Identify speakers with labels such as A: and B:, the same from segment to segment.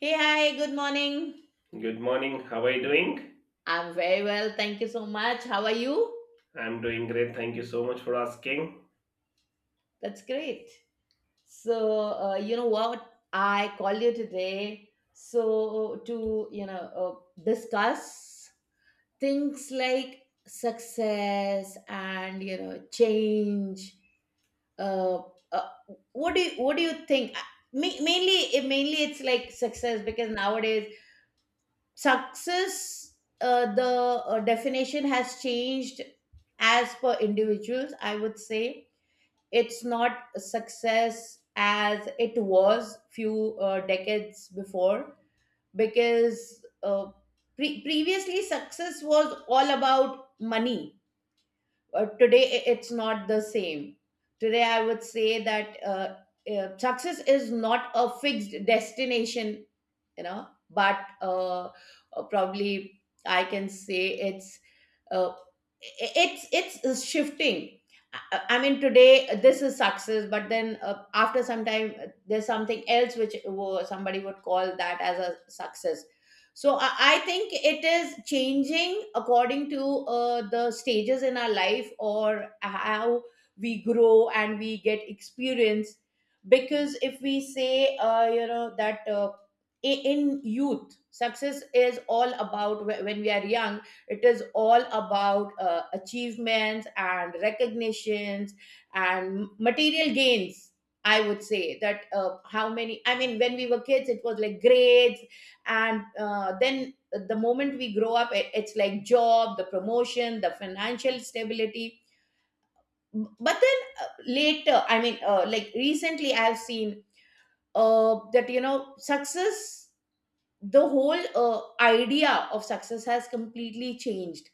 A: Hey, hi, good morning.
B: Good morning. How are you doing?
A: I'm very well. Thank you so much. How are you?
B: I'm doing great. Thank you so much for asking.
A: That's great. So, you know what? I called you today to discuss things like success and change. Uh, uh, what do you think? Mainly it's like success because nowadays success the definition has changed as per individuals, I would say. It's not success as it was few decades before because previously success was all about money. Today it's not the same. Today I would say that success is not a fixed destination, you know, but probably I can say it's uh, it's shifting. I mean, today this is success, but then after some time, there's something else which somebody would call that as a success. So I think it is changing according to the stages in our life or how we grow and we get experience. Because if we say, in youth, success is all about when we are young, it is all about achievements and recognitions and material gains. I would say that how many, I mean, when we were kids, it was like grades. And then the moment we grow up, it's like job, the promotion, the financial stability. But then later, I mean, like recently, I've seen that, you know, success, the whole idea of success has completely changed,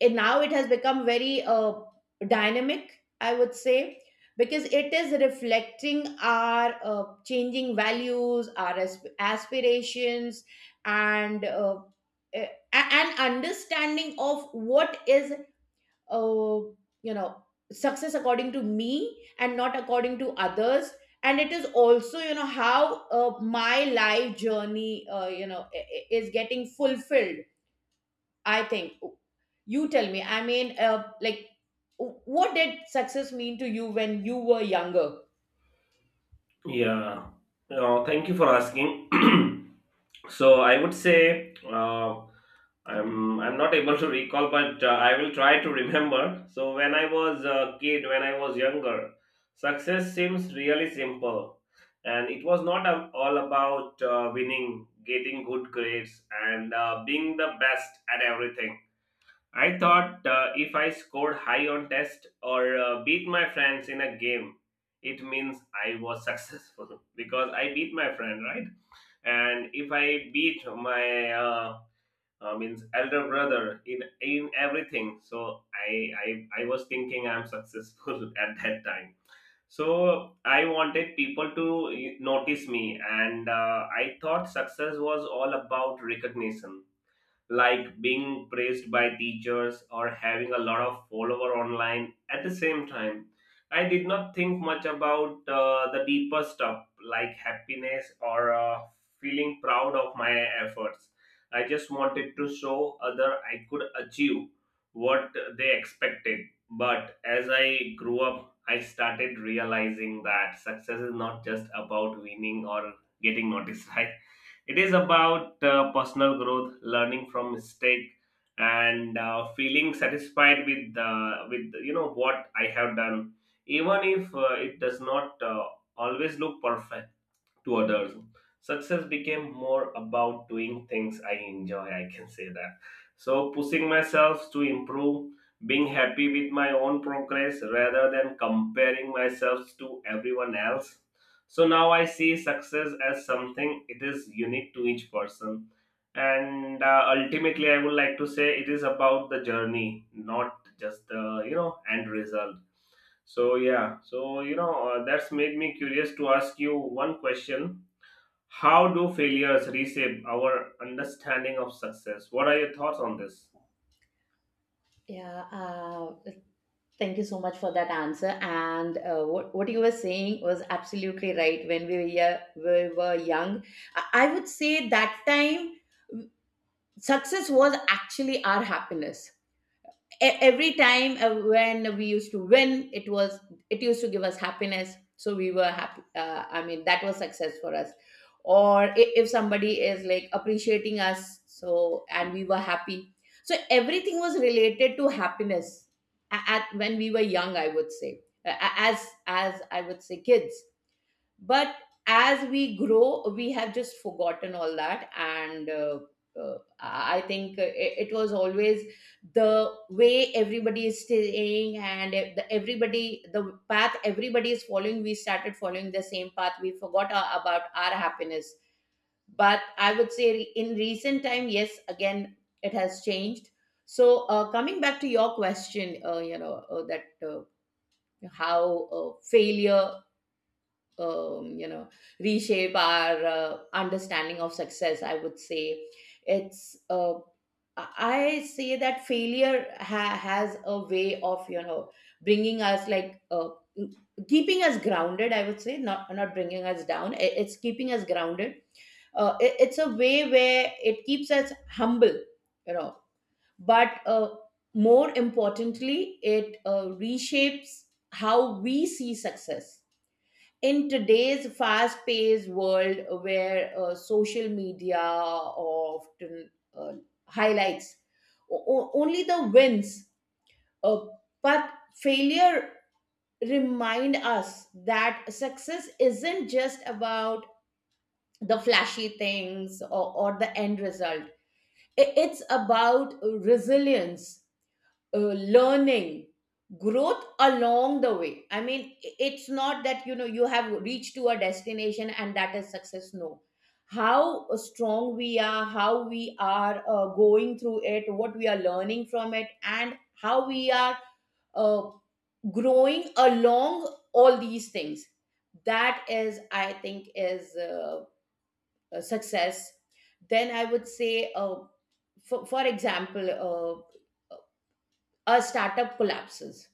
A: and now it has become very dynamic, I would say, because it is reflecting our changing values, our aspirations, and an understanding of what is uh, you know success according to me and not according to others. And it is also, you know, how my life journey, is getting fulfilled, I think. You tell me. I mean, like, what did success mean to you when you were younger?
B: Yeah. Thank you for asking. So I would say I'm not able to recall, but I will try to remember. So when I was a kid, when I was younger, success seems really simple, and it was not all about winning, getting good grades, and being the best at everything. I thought if I scored high on test or beat my friends in a game, it means I was successful because I beat my friend, right? And if I beat my means elder brother in everything, so I was thinking I'm successful at that time. So I wanted people to notice me, and I thought success was all about recognition like being praised by teachers or having a lot of follower online. At the same time, I did not think much about the deeper stuff like happiness or feeling proud of my efforts. I just wanted to show other I could achieve what they expected. But as I grew up, I started realizing that success is not just about winning or getting noticed, right? It is about personal growth, learning from mistake, and feeling satisfied with what I have done, even if it does not always look perfect to others. Success became more about doing things I enjoy, I can say that. So, pushing myself to improve, being happy with my own progress rather than comparing myself to everyone else. So, now I see success as something it is unique to each person. And ultimately, I would like to say it is about the journey, not just the end result. So yeah, so that's made me curious to ask you one question. How do failures reshape our understanding of success? What are your thoughts on this?
A: Yeah, uh, Thank you so much for that answer. And what you were saying was absolutely right. When we were young, I would say that time success was actually our happiness. E- every time when we used to win, it used to give us happiness, so we were happy. I mean, that was success for us. Or if somebody is like appreciating us, so and we were happy, so everything was related to happiness at when we were young, I would say, as I would say, kids. But as we grow, we have just forgotten all that. And I think it was always the way everybody is staying, and if the, everybody, the path everybody is following, we started following the same path. We forgot about our happiness. But I would say in recent time, yes, again it has changed. So coming back to your question, you know that how failure, you know, reshape our understanding of success. I would say it's I say that failure has a way of, you know, bringing us like, uh, keeping us grounded, I would say. Not bringing us down, it's keeping us grounded. It's a way where it keeps us humble, you know. But more importantly, it reshapes how we see success. In today's fast paced world where social media often uh, highlights only the wins, uh, but failure remind us that success isn't just about the flashy things or the end result. It's about resilience, learning, growth along the way. I mean, it's not that, you know, you have reached to a destination and that is success. No. How strong we are, how we are going through it, what we are learning from it, and how we are uh, growing along, all these things, that is, I think, is a success. Then I would say for example, a startup collapses,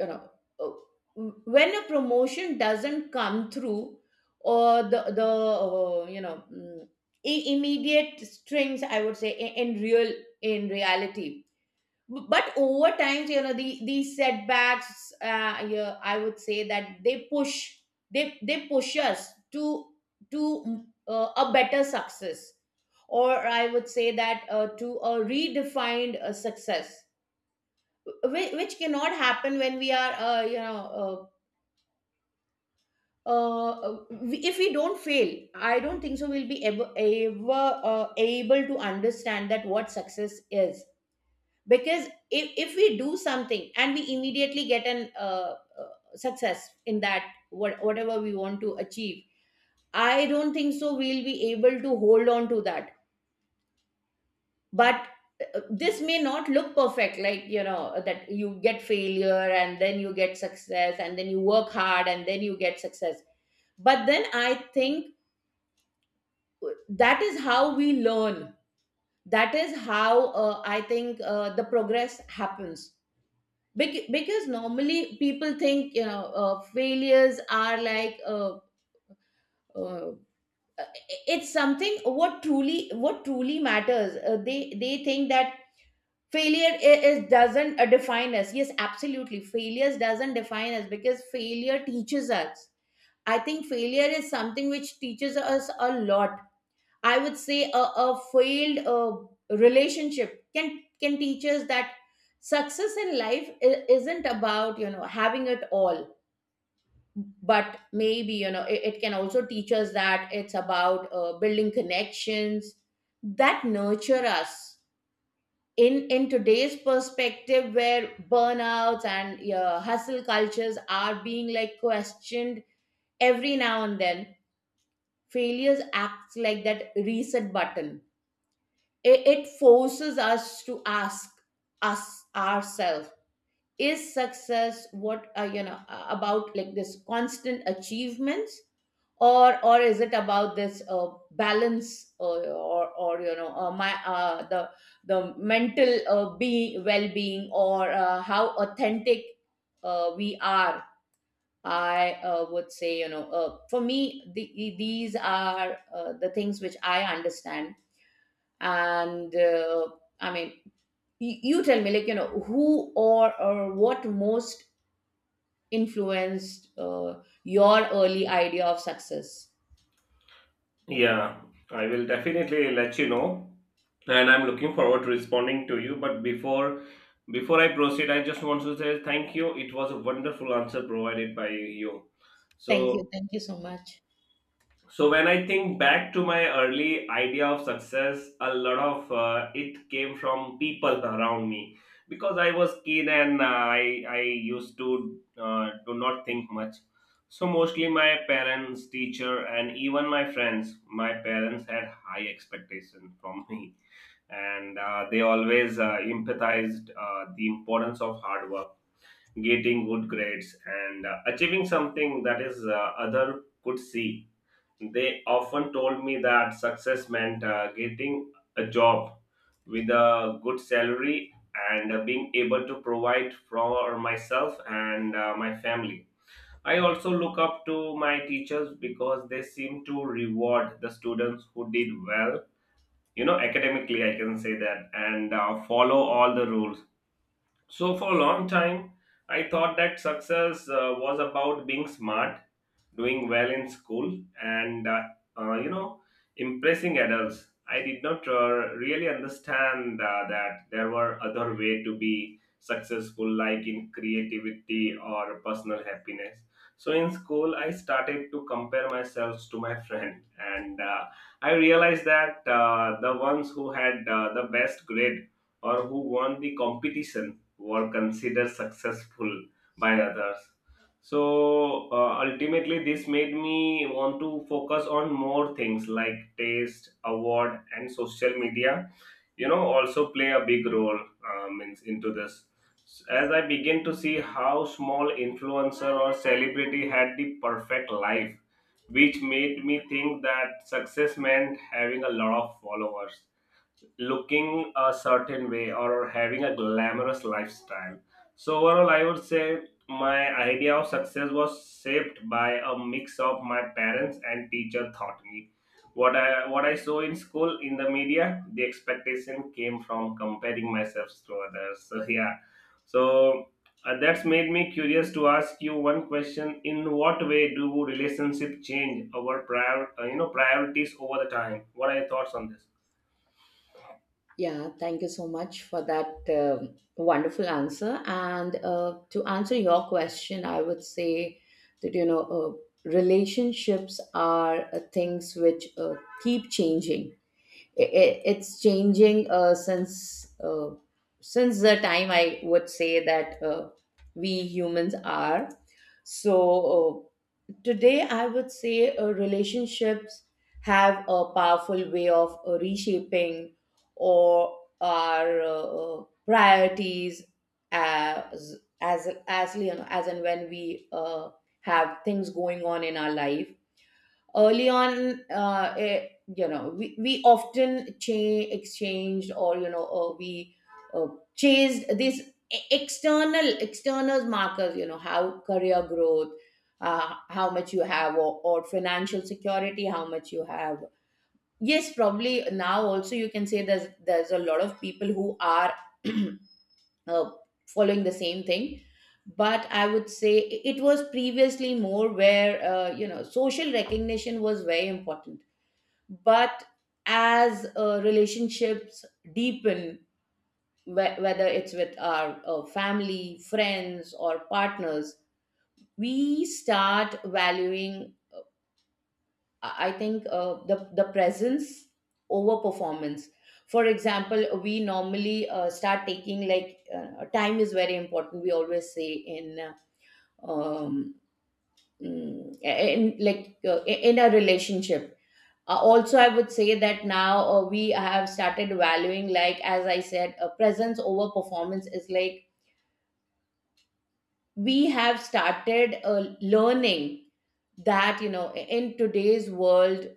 A: you know, uh, when a promotion doesn't come through, or the uh, you know mm, immediate strings, I would say, in real, in reality. But over times, you know, the these setbacks, yeah, I would say that they push, they push us to, a better success, or I would say that to a redefined success, which cannot happen when we are if we don't fail. I don't think so we'll be ever, ever able to understand that what success is. Because if we do something and we immediately get an success in that, whatever we want to achieve, I don't think so we'll be able to hold on to that. But this may not look perfect, like, you know, that you get failure and then you get success, and then you work hard and then you get success. But then I think that is how we learn, that is how, I think, the progress happens. Because normally people think, you know, failures are like, uh, it's something, what truly matters. They think that failure is doesn't define us. Yes, absolutely, failures doesn't define us, because failure teaches us. I think failure is something which teaches us a lot. I would say a failed relationship can teach us that success in life isn't about, you know, having it all, but maybe, you know, it can also teach us that it's about building connections that nurture us. In today's perspective where burnouts and hustle cultures are being like questioned every now and then, failures acts like that reset button. It forces us to ask us ourselves, is success what, about like this constant achievements, or is it about this balance, or, you know, my the mental be well-being, or how authentic we are? I would say, you know, for me, these are the things which I understand. And I mean, you tell me, like, you know, who or what most influenced your early idea of success?
B: Yeah, I will definitely let you know, and I'm looking forward to responding to you. But before I proceed, I just want to say thank you. It was a wonderful answer provided by you.
A: Thank you,
B: So,
A: thank you so much.
B: so when I think back to my early idea of success, a lot of it came from people around me, because I was keen and I used to do not think much. So mostly my parents, teacher, and even my friends. My parents had high expectations from me, and they always empathized the importance of hard work, getting good grades, and achieving something that is other could see. They often told me that success meant getting a job with a good salary and being able to provide for myself and my family. I also look up to my teachers because they seem to reward the students who did well, you know, academically, I can say that, and follow all the rules. So, for a long time, I thought that success was about being smart, doing well in school, and uh, you know, impressing adults. I did not really understand that there were other way to be successful, like in creativity or personal happiness. So, in school, I started to compare myself to my friend, and I realized that the ones who had the best grade or who won the competition were considered successful by others. So ultimately, this made me want to focus on more things like taste, award, and social media. You know, also play a big role in, into this. As I begin to see how small influencer or celebrity had the perfect life, which made me think that success meant having a lot of followers, looking a certain way, or having a glamorous lifestyle. So, overall, I would say my idea of success was shaped by a mix of my parents and teacher taught me. What I saw in school, in the media, the expectation came from comparing myself to others. So, yeah. So, that's made me curious to ask you one question. In what way do relationship change our priorities over the time? What are your thoughts on this?
A: Yeah, Thank you so much for that wonderful answer. And to answer your question, I would say that, you know, relationships are things which keep changing. It's changing since the time, I would say, that we humans are. So uh, today, I would say, relationships have a powerful way of reshaping or our priorities, as you know, as and when we have things going on in our life. Early on, you know, we often exchanged, or you know, we uh, chased these external external markers, you know, how career growth, how much you have, or financial security, how much you have. Yes, probably now also you can say there's a lot of people who are uh, following the same thing. But I would say it was previously more where you know, social recognition was very important. But as relationships deepen, whether it's with our family, friends, or partners, we start valuing, I think, the presence over performance. For example, we normally start taking like, time is very important, we always say, in um, mm, in like in a relationship. Also, I would say that now we have started valuing, like as I said, presence over performance. Is like we have started learning that, you know, in today's world,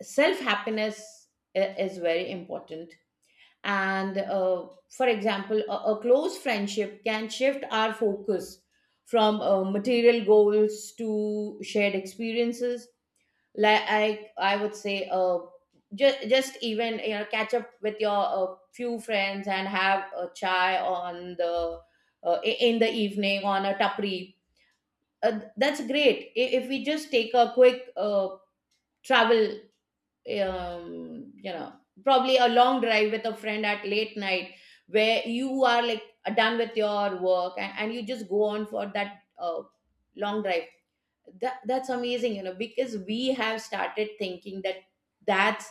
A: self happiness is very important. And for example, a close friendship can shift our focus from material goals to shared experiences, like I would say just even catch up with your few friends and have a chai on the in the evening on a tapri. That's great if we just take a quick travel, um, you know probably a long drive with a friend at late night, where you are like done with your work, and you just go on for that long drive. That's amazing, you know, because we have started thinking that that's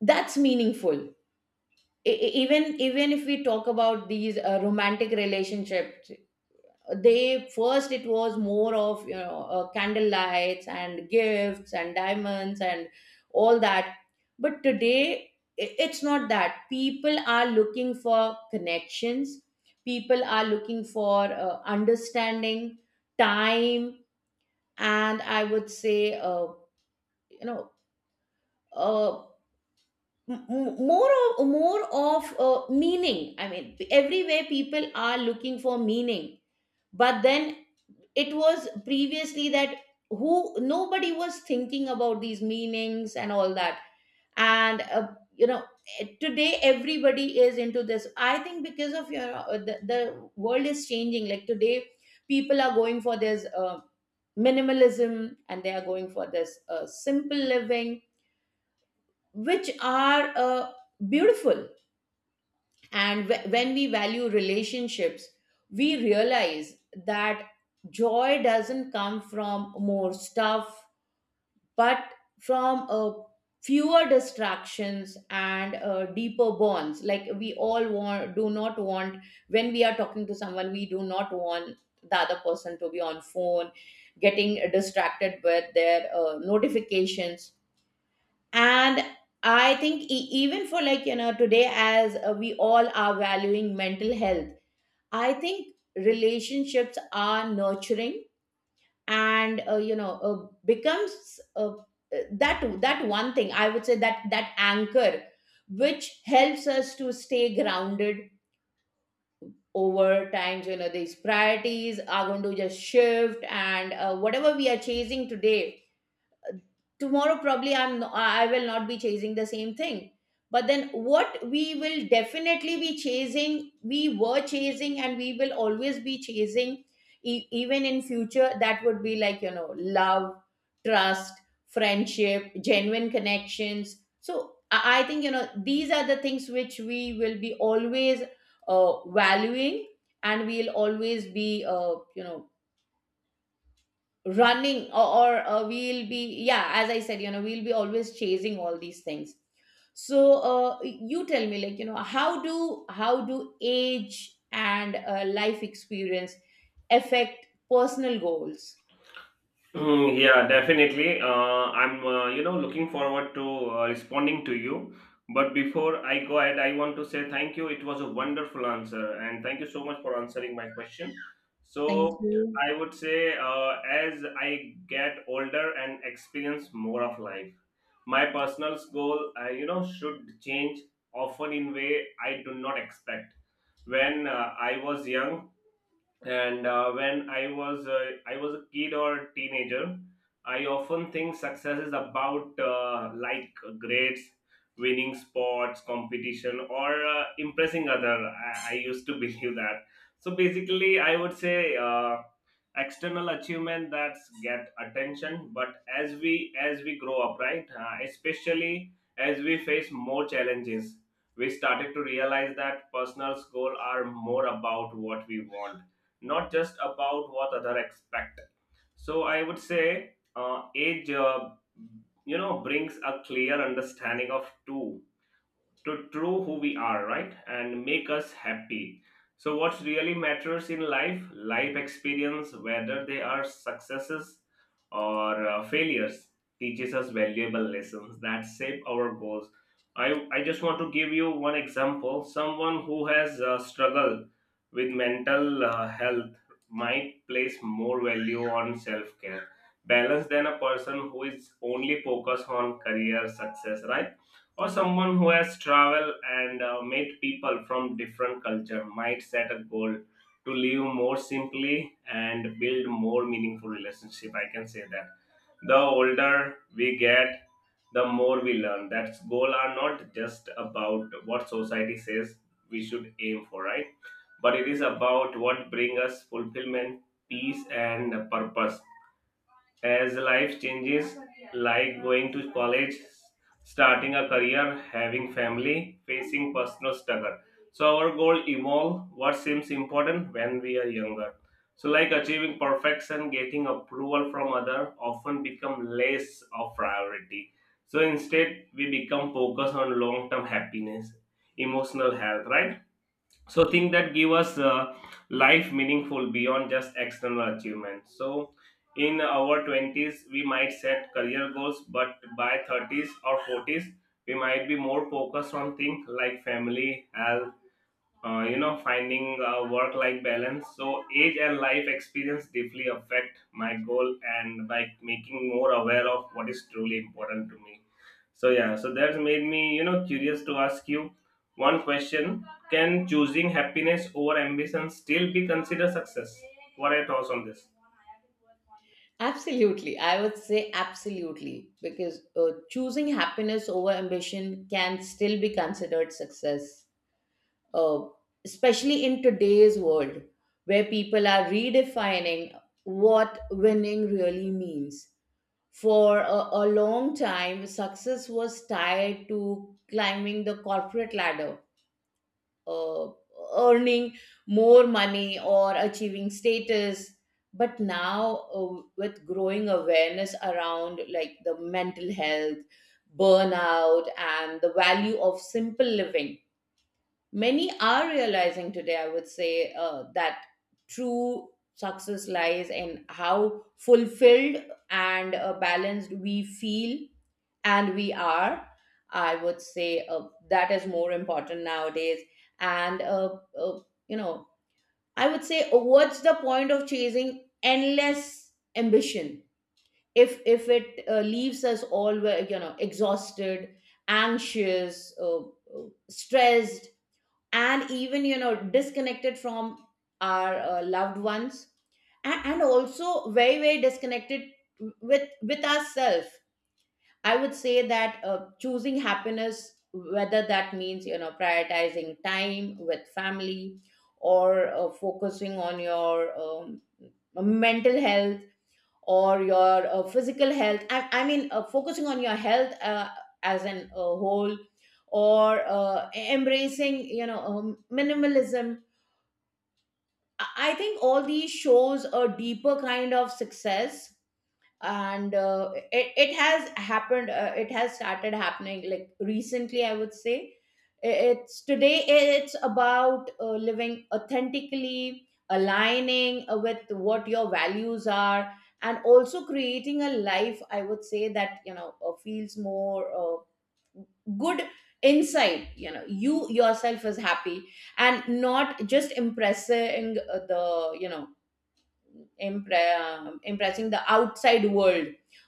A: that's meaningful. Even if we talk about these romantic relationships, they first it was more of, you know, candle lights and gifts and diamonds and all that, but today it's not that people are looking for connections, people are looking for understanding, time. And I would say you know uh, more of meaning. I mean, everywhere people are looking for meaning. But then it was previously that who nobody was thinking about these meanings and all that. And you know today everybody is into this. I think because of your the world is changing. Like today people are going for this minimalism, and they are going for this simple living, which are beautiful. And when we value relationships, we realize that joy doesn't come from more stuff, but from fewer distractions and deeper bonds. Like we all want, do not want, when we are talking to someone, we do not want the other person to be on phone, getting distracted with their notifications. And I think even for, like, you know, today, as we all are valuing mental health, I think relationships are nurturing and, becomes that one thing, I would say, that anchor which helps us to stay grounded. Over times, you know, these priorities are going to just shift, and whatever we are chasing today, tomorrow probably I will not be chasing the same thing. But then what we will definitely be chasing, we were chasing and we will always be chasing even in future, that would be, like, you know, love, trust, friendship, genuine connections. So I think, you know, these are the things which we will be always valuing, and we'll always be uh, you know running or we'll be, yeah, as I said, you know, we'll be always chasing all these things. So you tell me, like, you know, how do age and life experience affect personal goals?
B: Mm, yeah, definitely. I'm looking forward to responding to you. But before I go ahead, I want to say thank you. It was a wonderful answer, and thank you so much for answering my question.
A: Thank
B: So
A: you.
B: I would say, as I get older and experience more of life, my personal goal, should change often in way I do not expect. When I was young, and when I was a kid or a teenager, I often think success is about like grades, winning sports, competition, or impressing other. I used to believe that. So basically, I would say. External achievement that's get attention, but as we grow up, right? Especially as we face more challenges, we started to realize that personal goals are more about what we want, not just about what other expect. So I would say age brings a clear understanding of two to true who we are, right? And make us happy. So, what really matters in life, life experience, whether they are successes or failures, teaches us valuable lessons that shape our goals. I just want to give you one example. Someone who has struggled with mental health might place more value on self care, balance than a person who is only focused on career success, right? Or someone who has traveled and met people from different culture might set a goal to live more simply and build more meaningful relationship, I can say that. The older we get, the more we learn that goal are not just about what society says we should aim for, right? But it is about what bring us fulfillment, peace, and purpose. As life changes, like going to college, starting a career, having family, facing personal struggle. So our goal evolve what seems important when we are younger. So like achieving perfection, getting approval from other often become less of priority. So instead we become focused on long-term happiness, emotional health, right? So things that give us life meaningful beyond just external achievements. So in our 20s we might set career goals, but by 30s or 40s we might be more focused on things like family health, finding work life balance. So age and life experience deeply affect my goal and by making more aware of what is truly important to me. So yeah, so that's made me, you know, curious to ask you one question. Can choosing happiness over ambition still be considered success? What are your thoughts on this?
A: Absolutely. I would say absolutely, because choosing happiness over ambition can still be considered success, uh, especially in today's world where people are redefining what winning really means. For a long time, success was tied to climbing the corporate ladder, uh, earning more money or achieving status. But now, with growing awareness around, like, the mental health, burnout and the value of simple living, many are realizing today, I would say, that true success lies in how fulfilled and balanced we feel and we are. I would say that is more important nowadays. And uh, you know I would say, what's the point of chasing endless ambition if it leaves us all, well, you know, exhausted, anxious, stressed, and even, you know, disconnected from our loved ones, and also very, very disconnected with ourselves. I would say that, choosing happiness, whether that means, you know, prioritizing time with family, or focusing on your mental health or your physical health. I mean, focusing on your health as an whole, or embracing, you know, minimalism. I think all these shows a deeper kind of success, and it has happened, it has started happening, like, recently, I would say. It's Today it's about living authentically, aligning with what your values are, and also creating a life, I would say, that, you know, feels more good inside. You know, you yourself is happy and not just impressing the, you know, impressing the outside world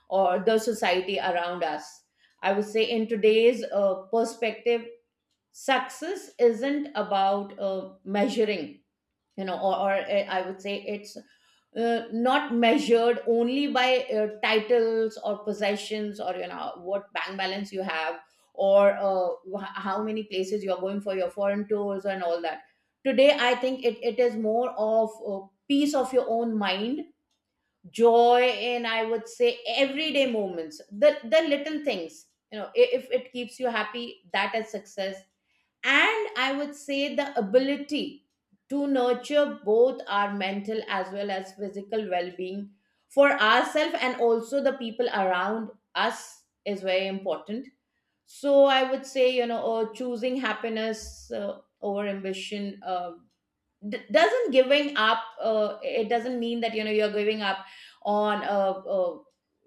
A: or the society around us. I would say, in today's perspective, success isn't about measuring, you know, or, I would say, it's not measured only by titles or possessions or, you know, what bank balance you have, or how many places you're going for your foreign tours and all that. Today, I think it is more of a peace of your own mind, joy in, I would say, everyday moments, the little things. You know, if it keeps you happy, that is success. And I would say the ability to nurture both our mental as well as physical well-being, for ourselves and also the people around us, is very important. So I would say, you know, choosing happiness over ambition d- doesn't giving up it doesn't mean that, you know, you're giving up on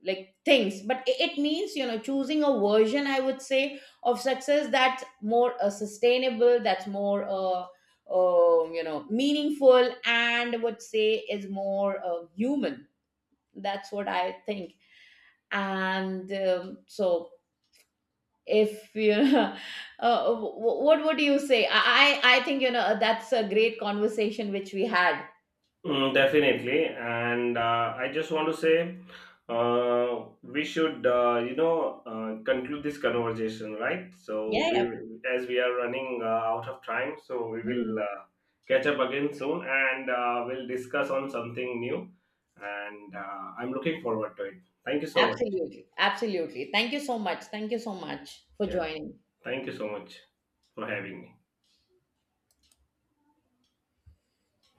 A: like things, but it means, you know, choosing a version, I would say, of success that's more sustainable, that's more meaningful, and I would say is more human. That's what I think. And so if you uh, what would you say? I think, you know, that's a great conversation which we had.
B: Mm, definitely. And I just want to say we should, conclude this conversation, right? So
A: Yeah,
B: we,
A: yeah.
B: as we are running out of time, so we
A: Mhm.
B: will catch up again soon and we'll discuss on something new. And I'm looking forward to it. Thank you so much.
A: Absolutely. Absolutely. Thank you so much. Thank you so much for
B: Yeah.
A: joining.
B: Thank you so much for having me.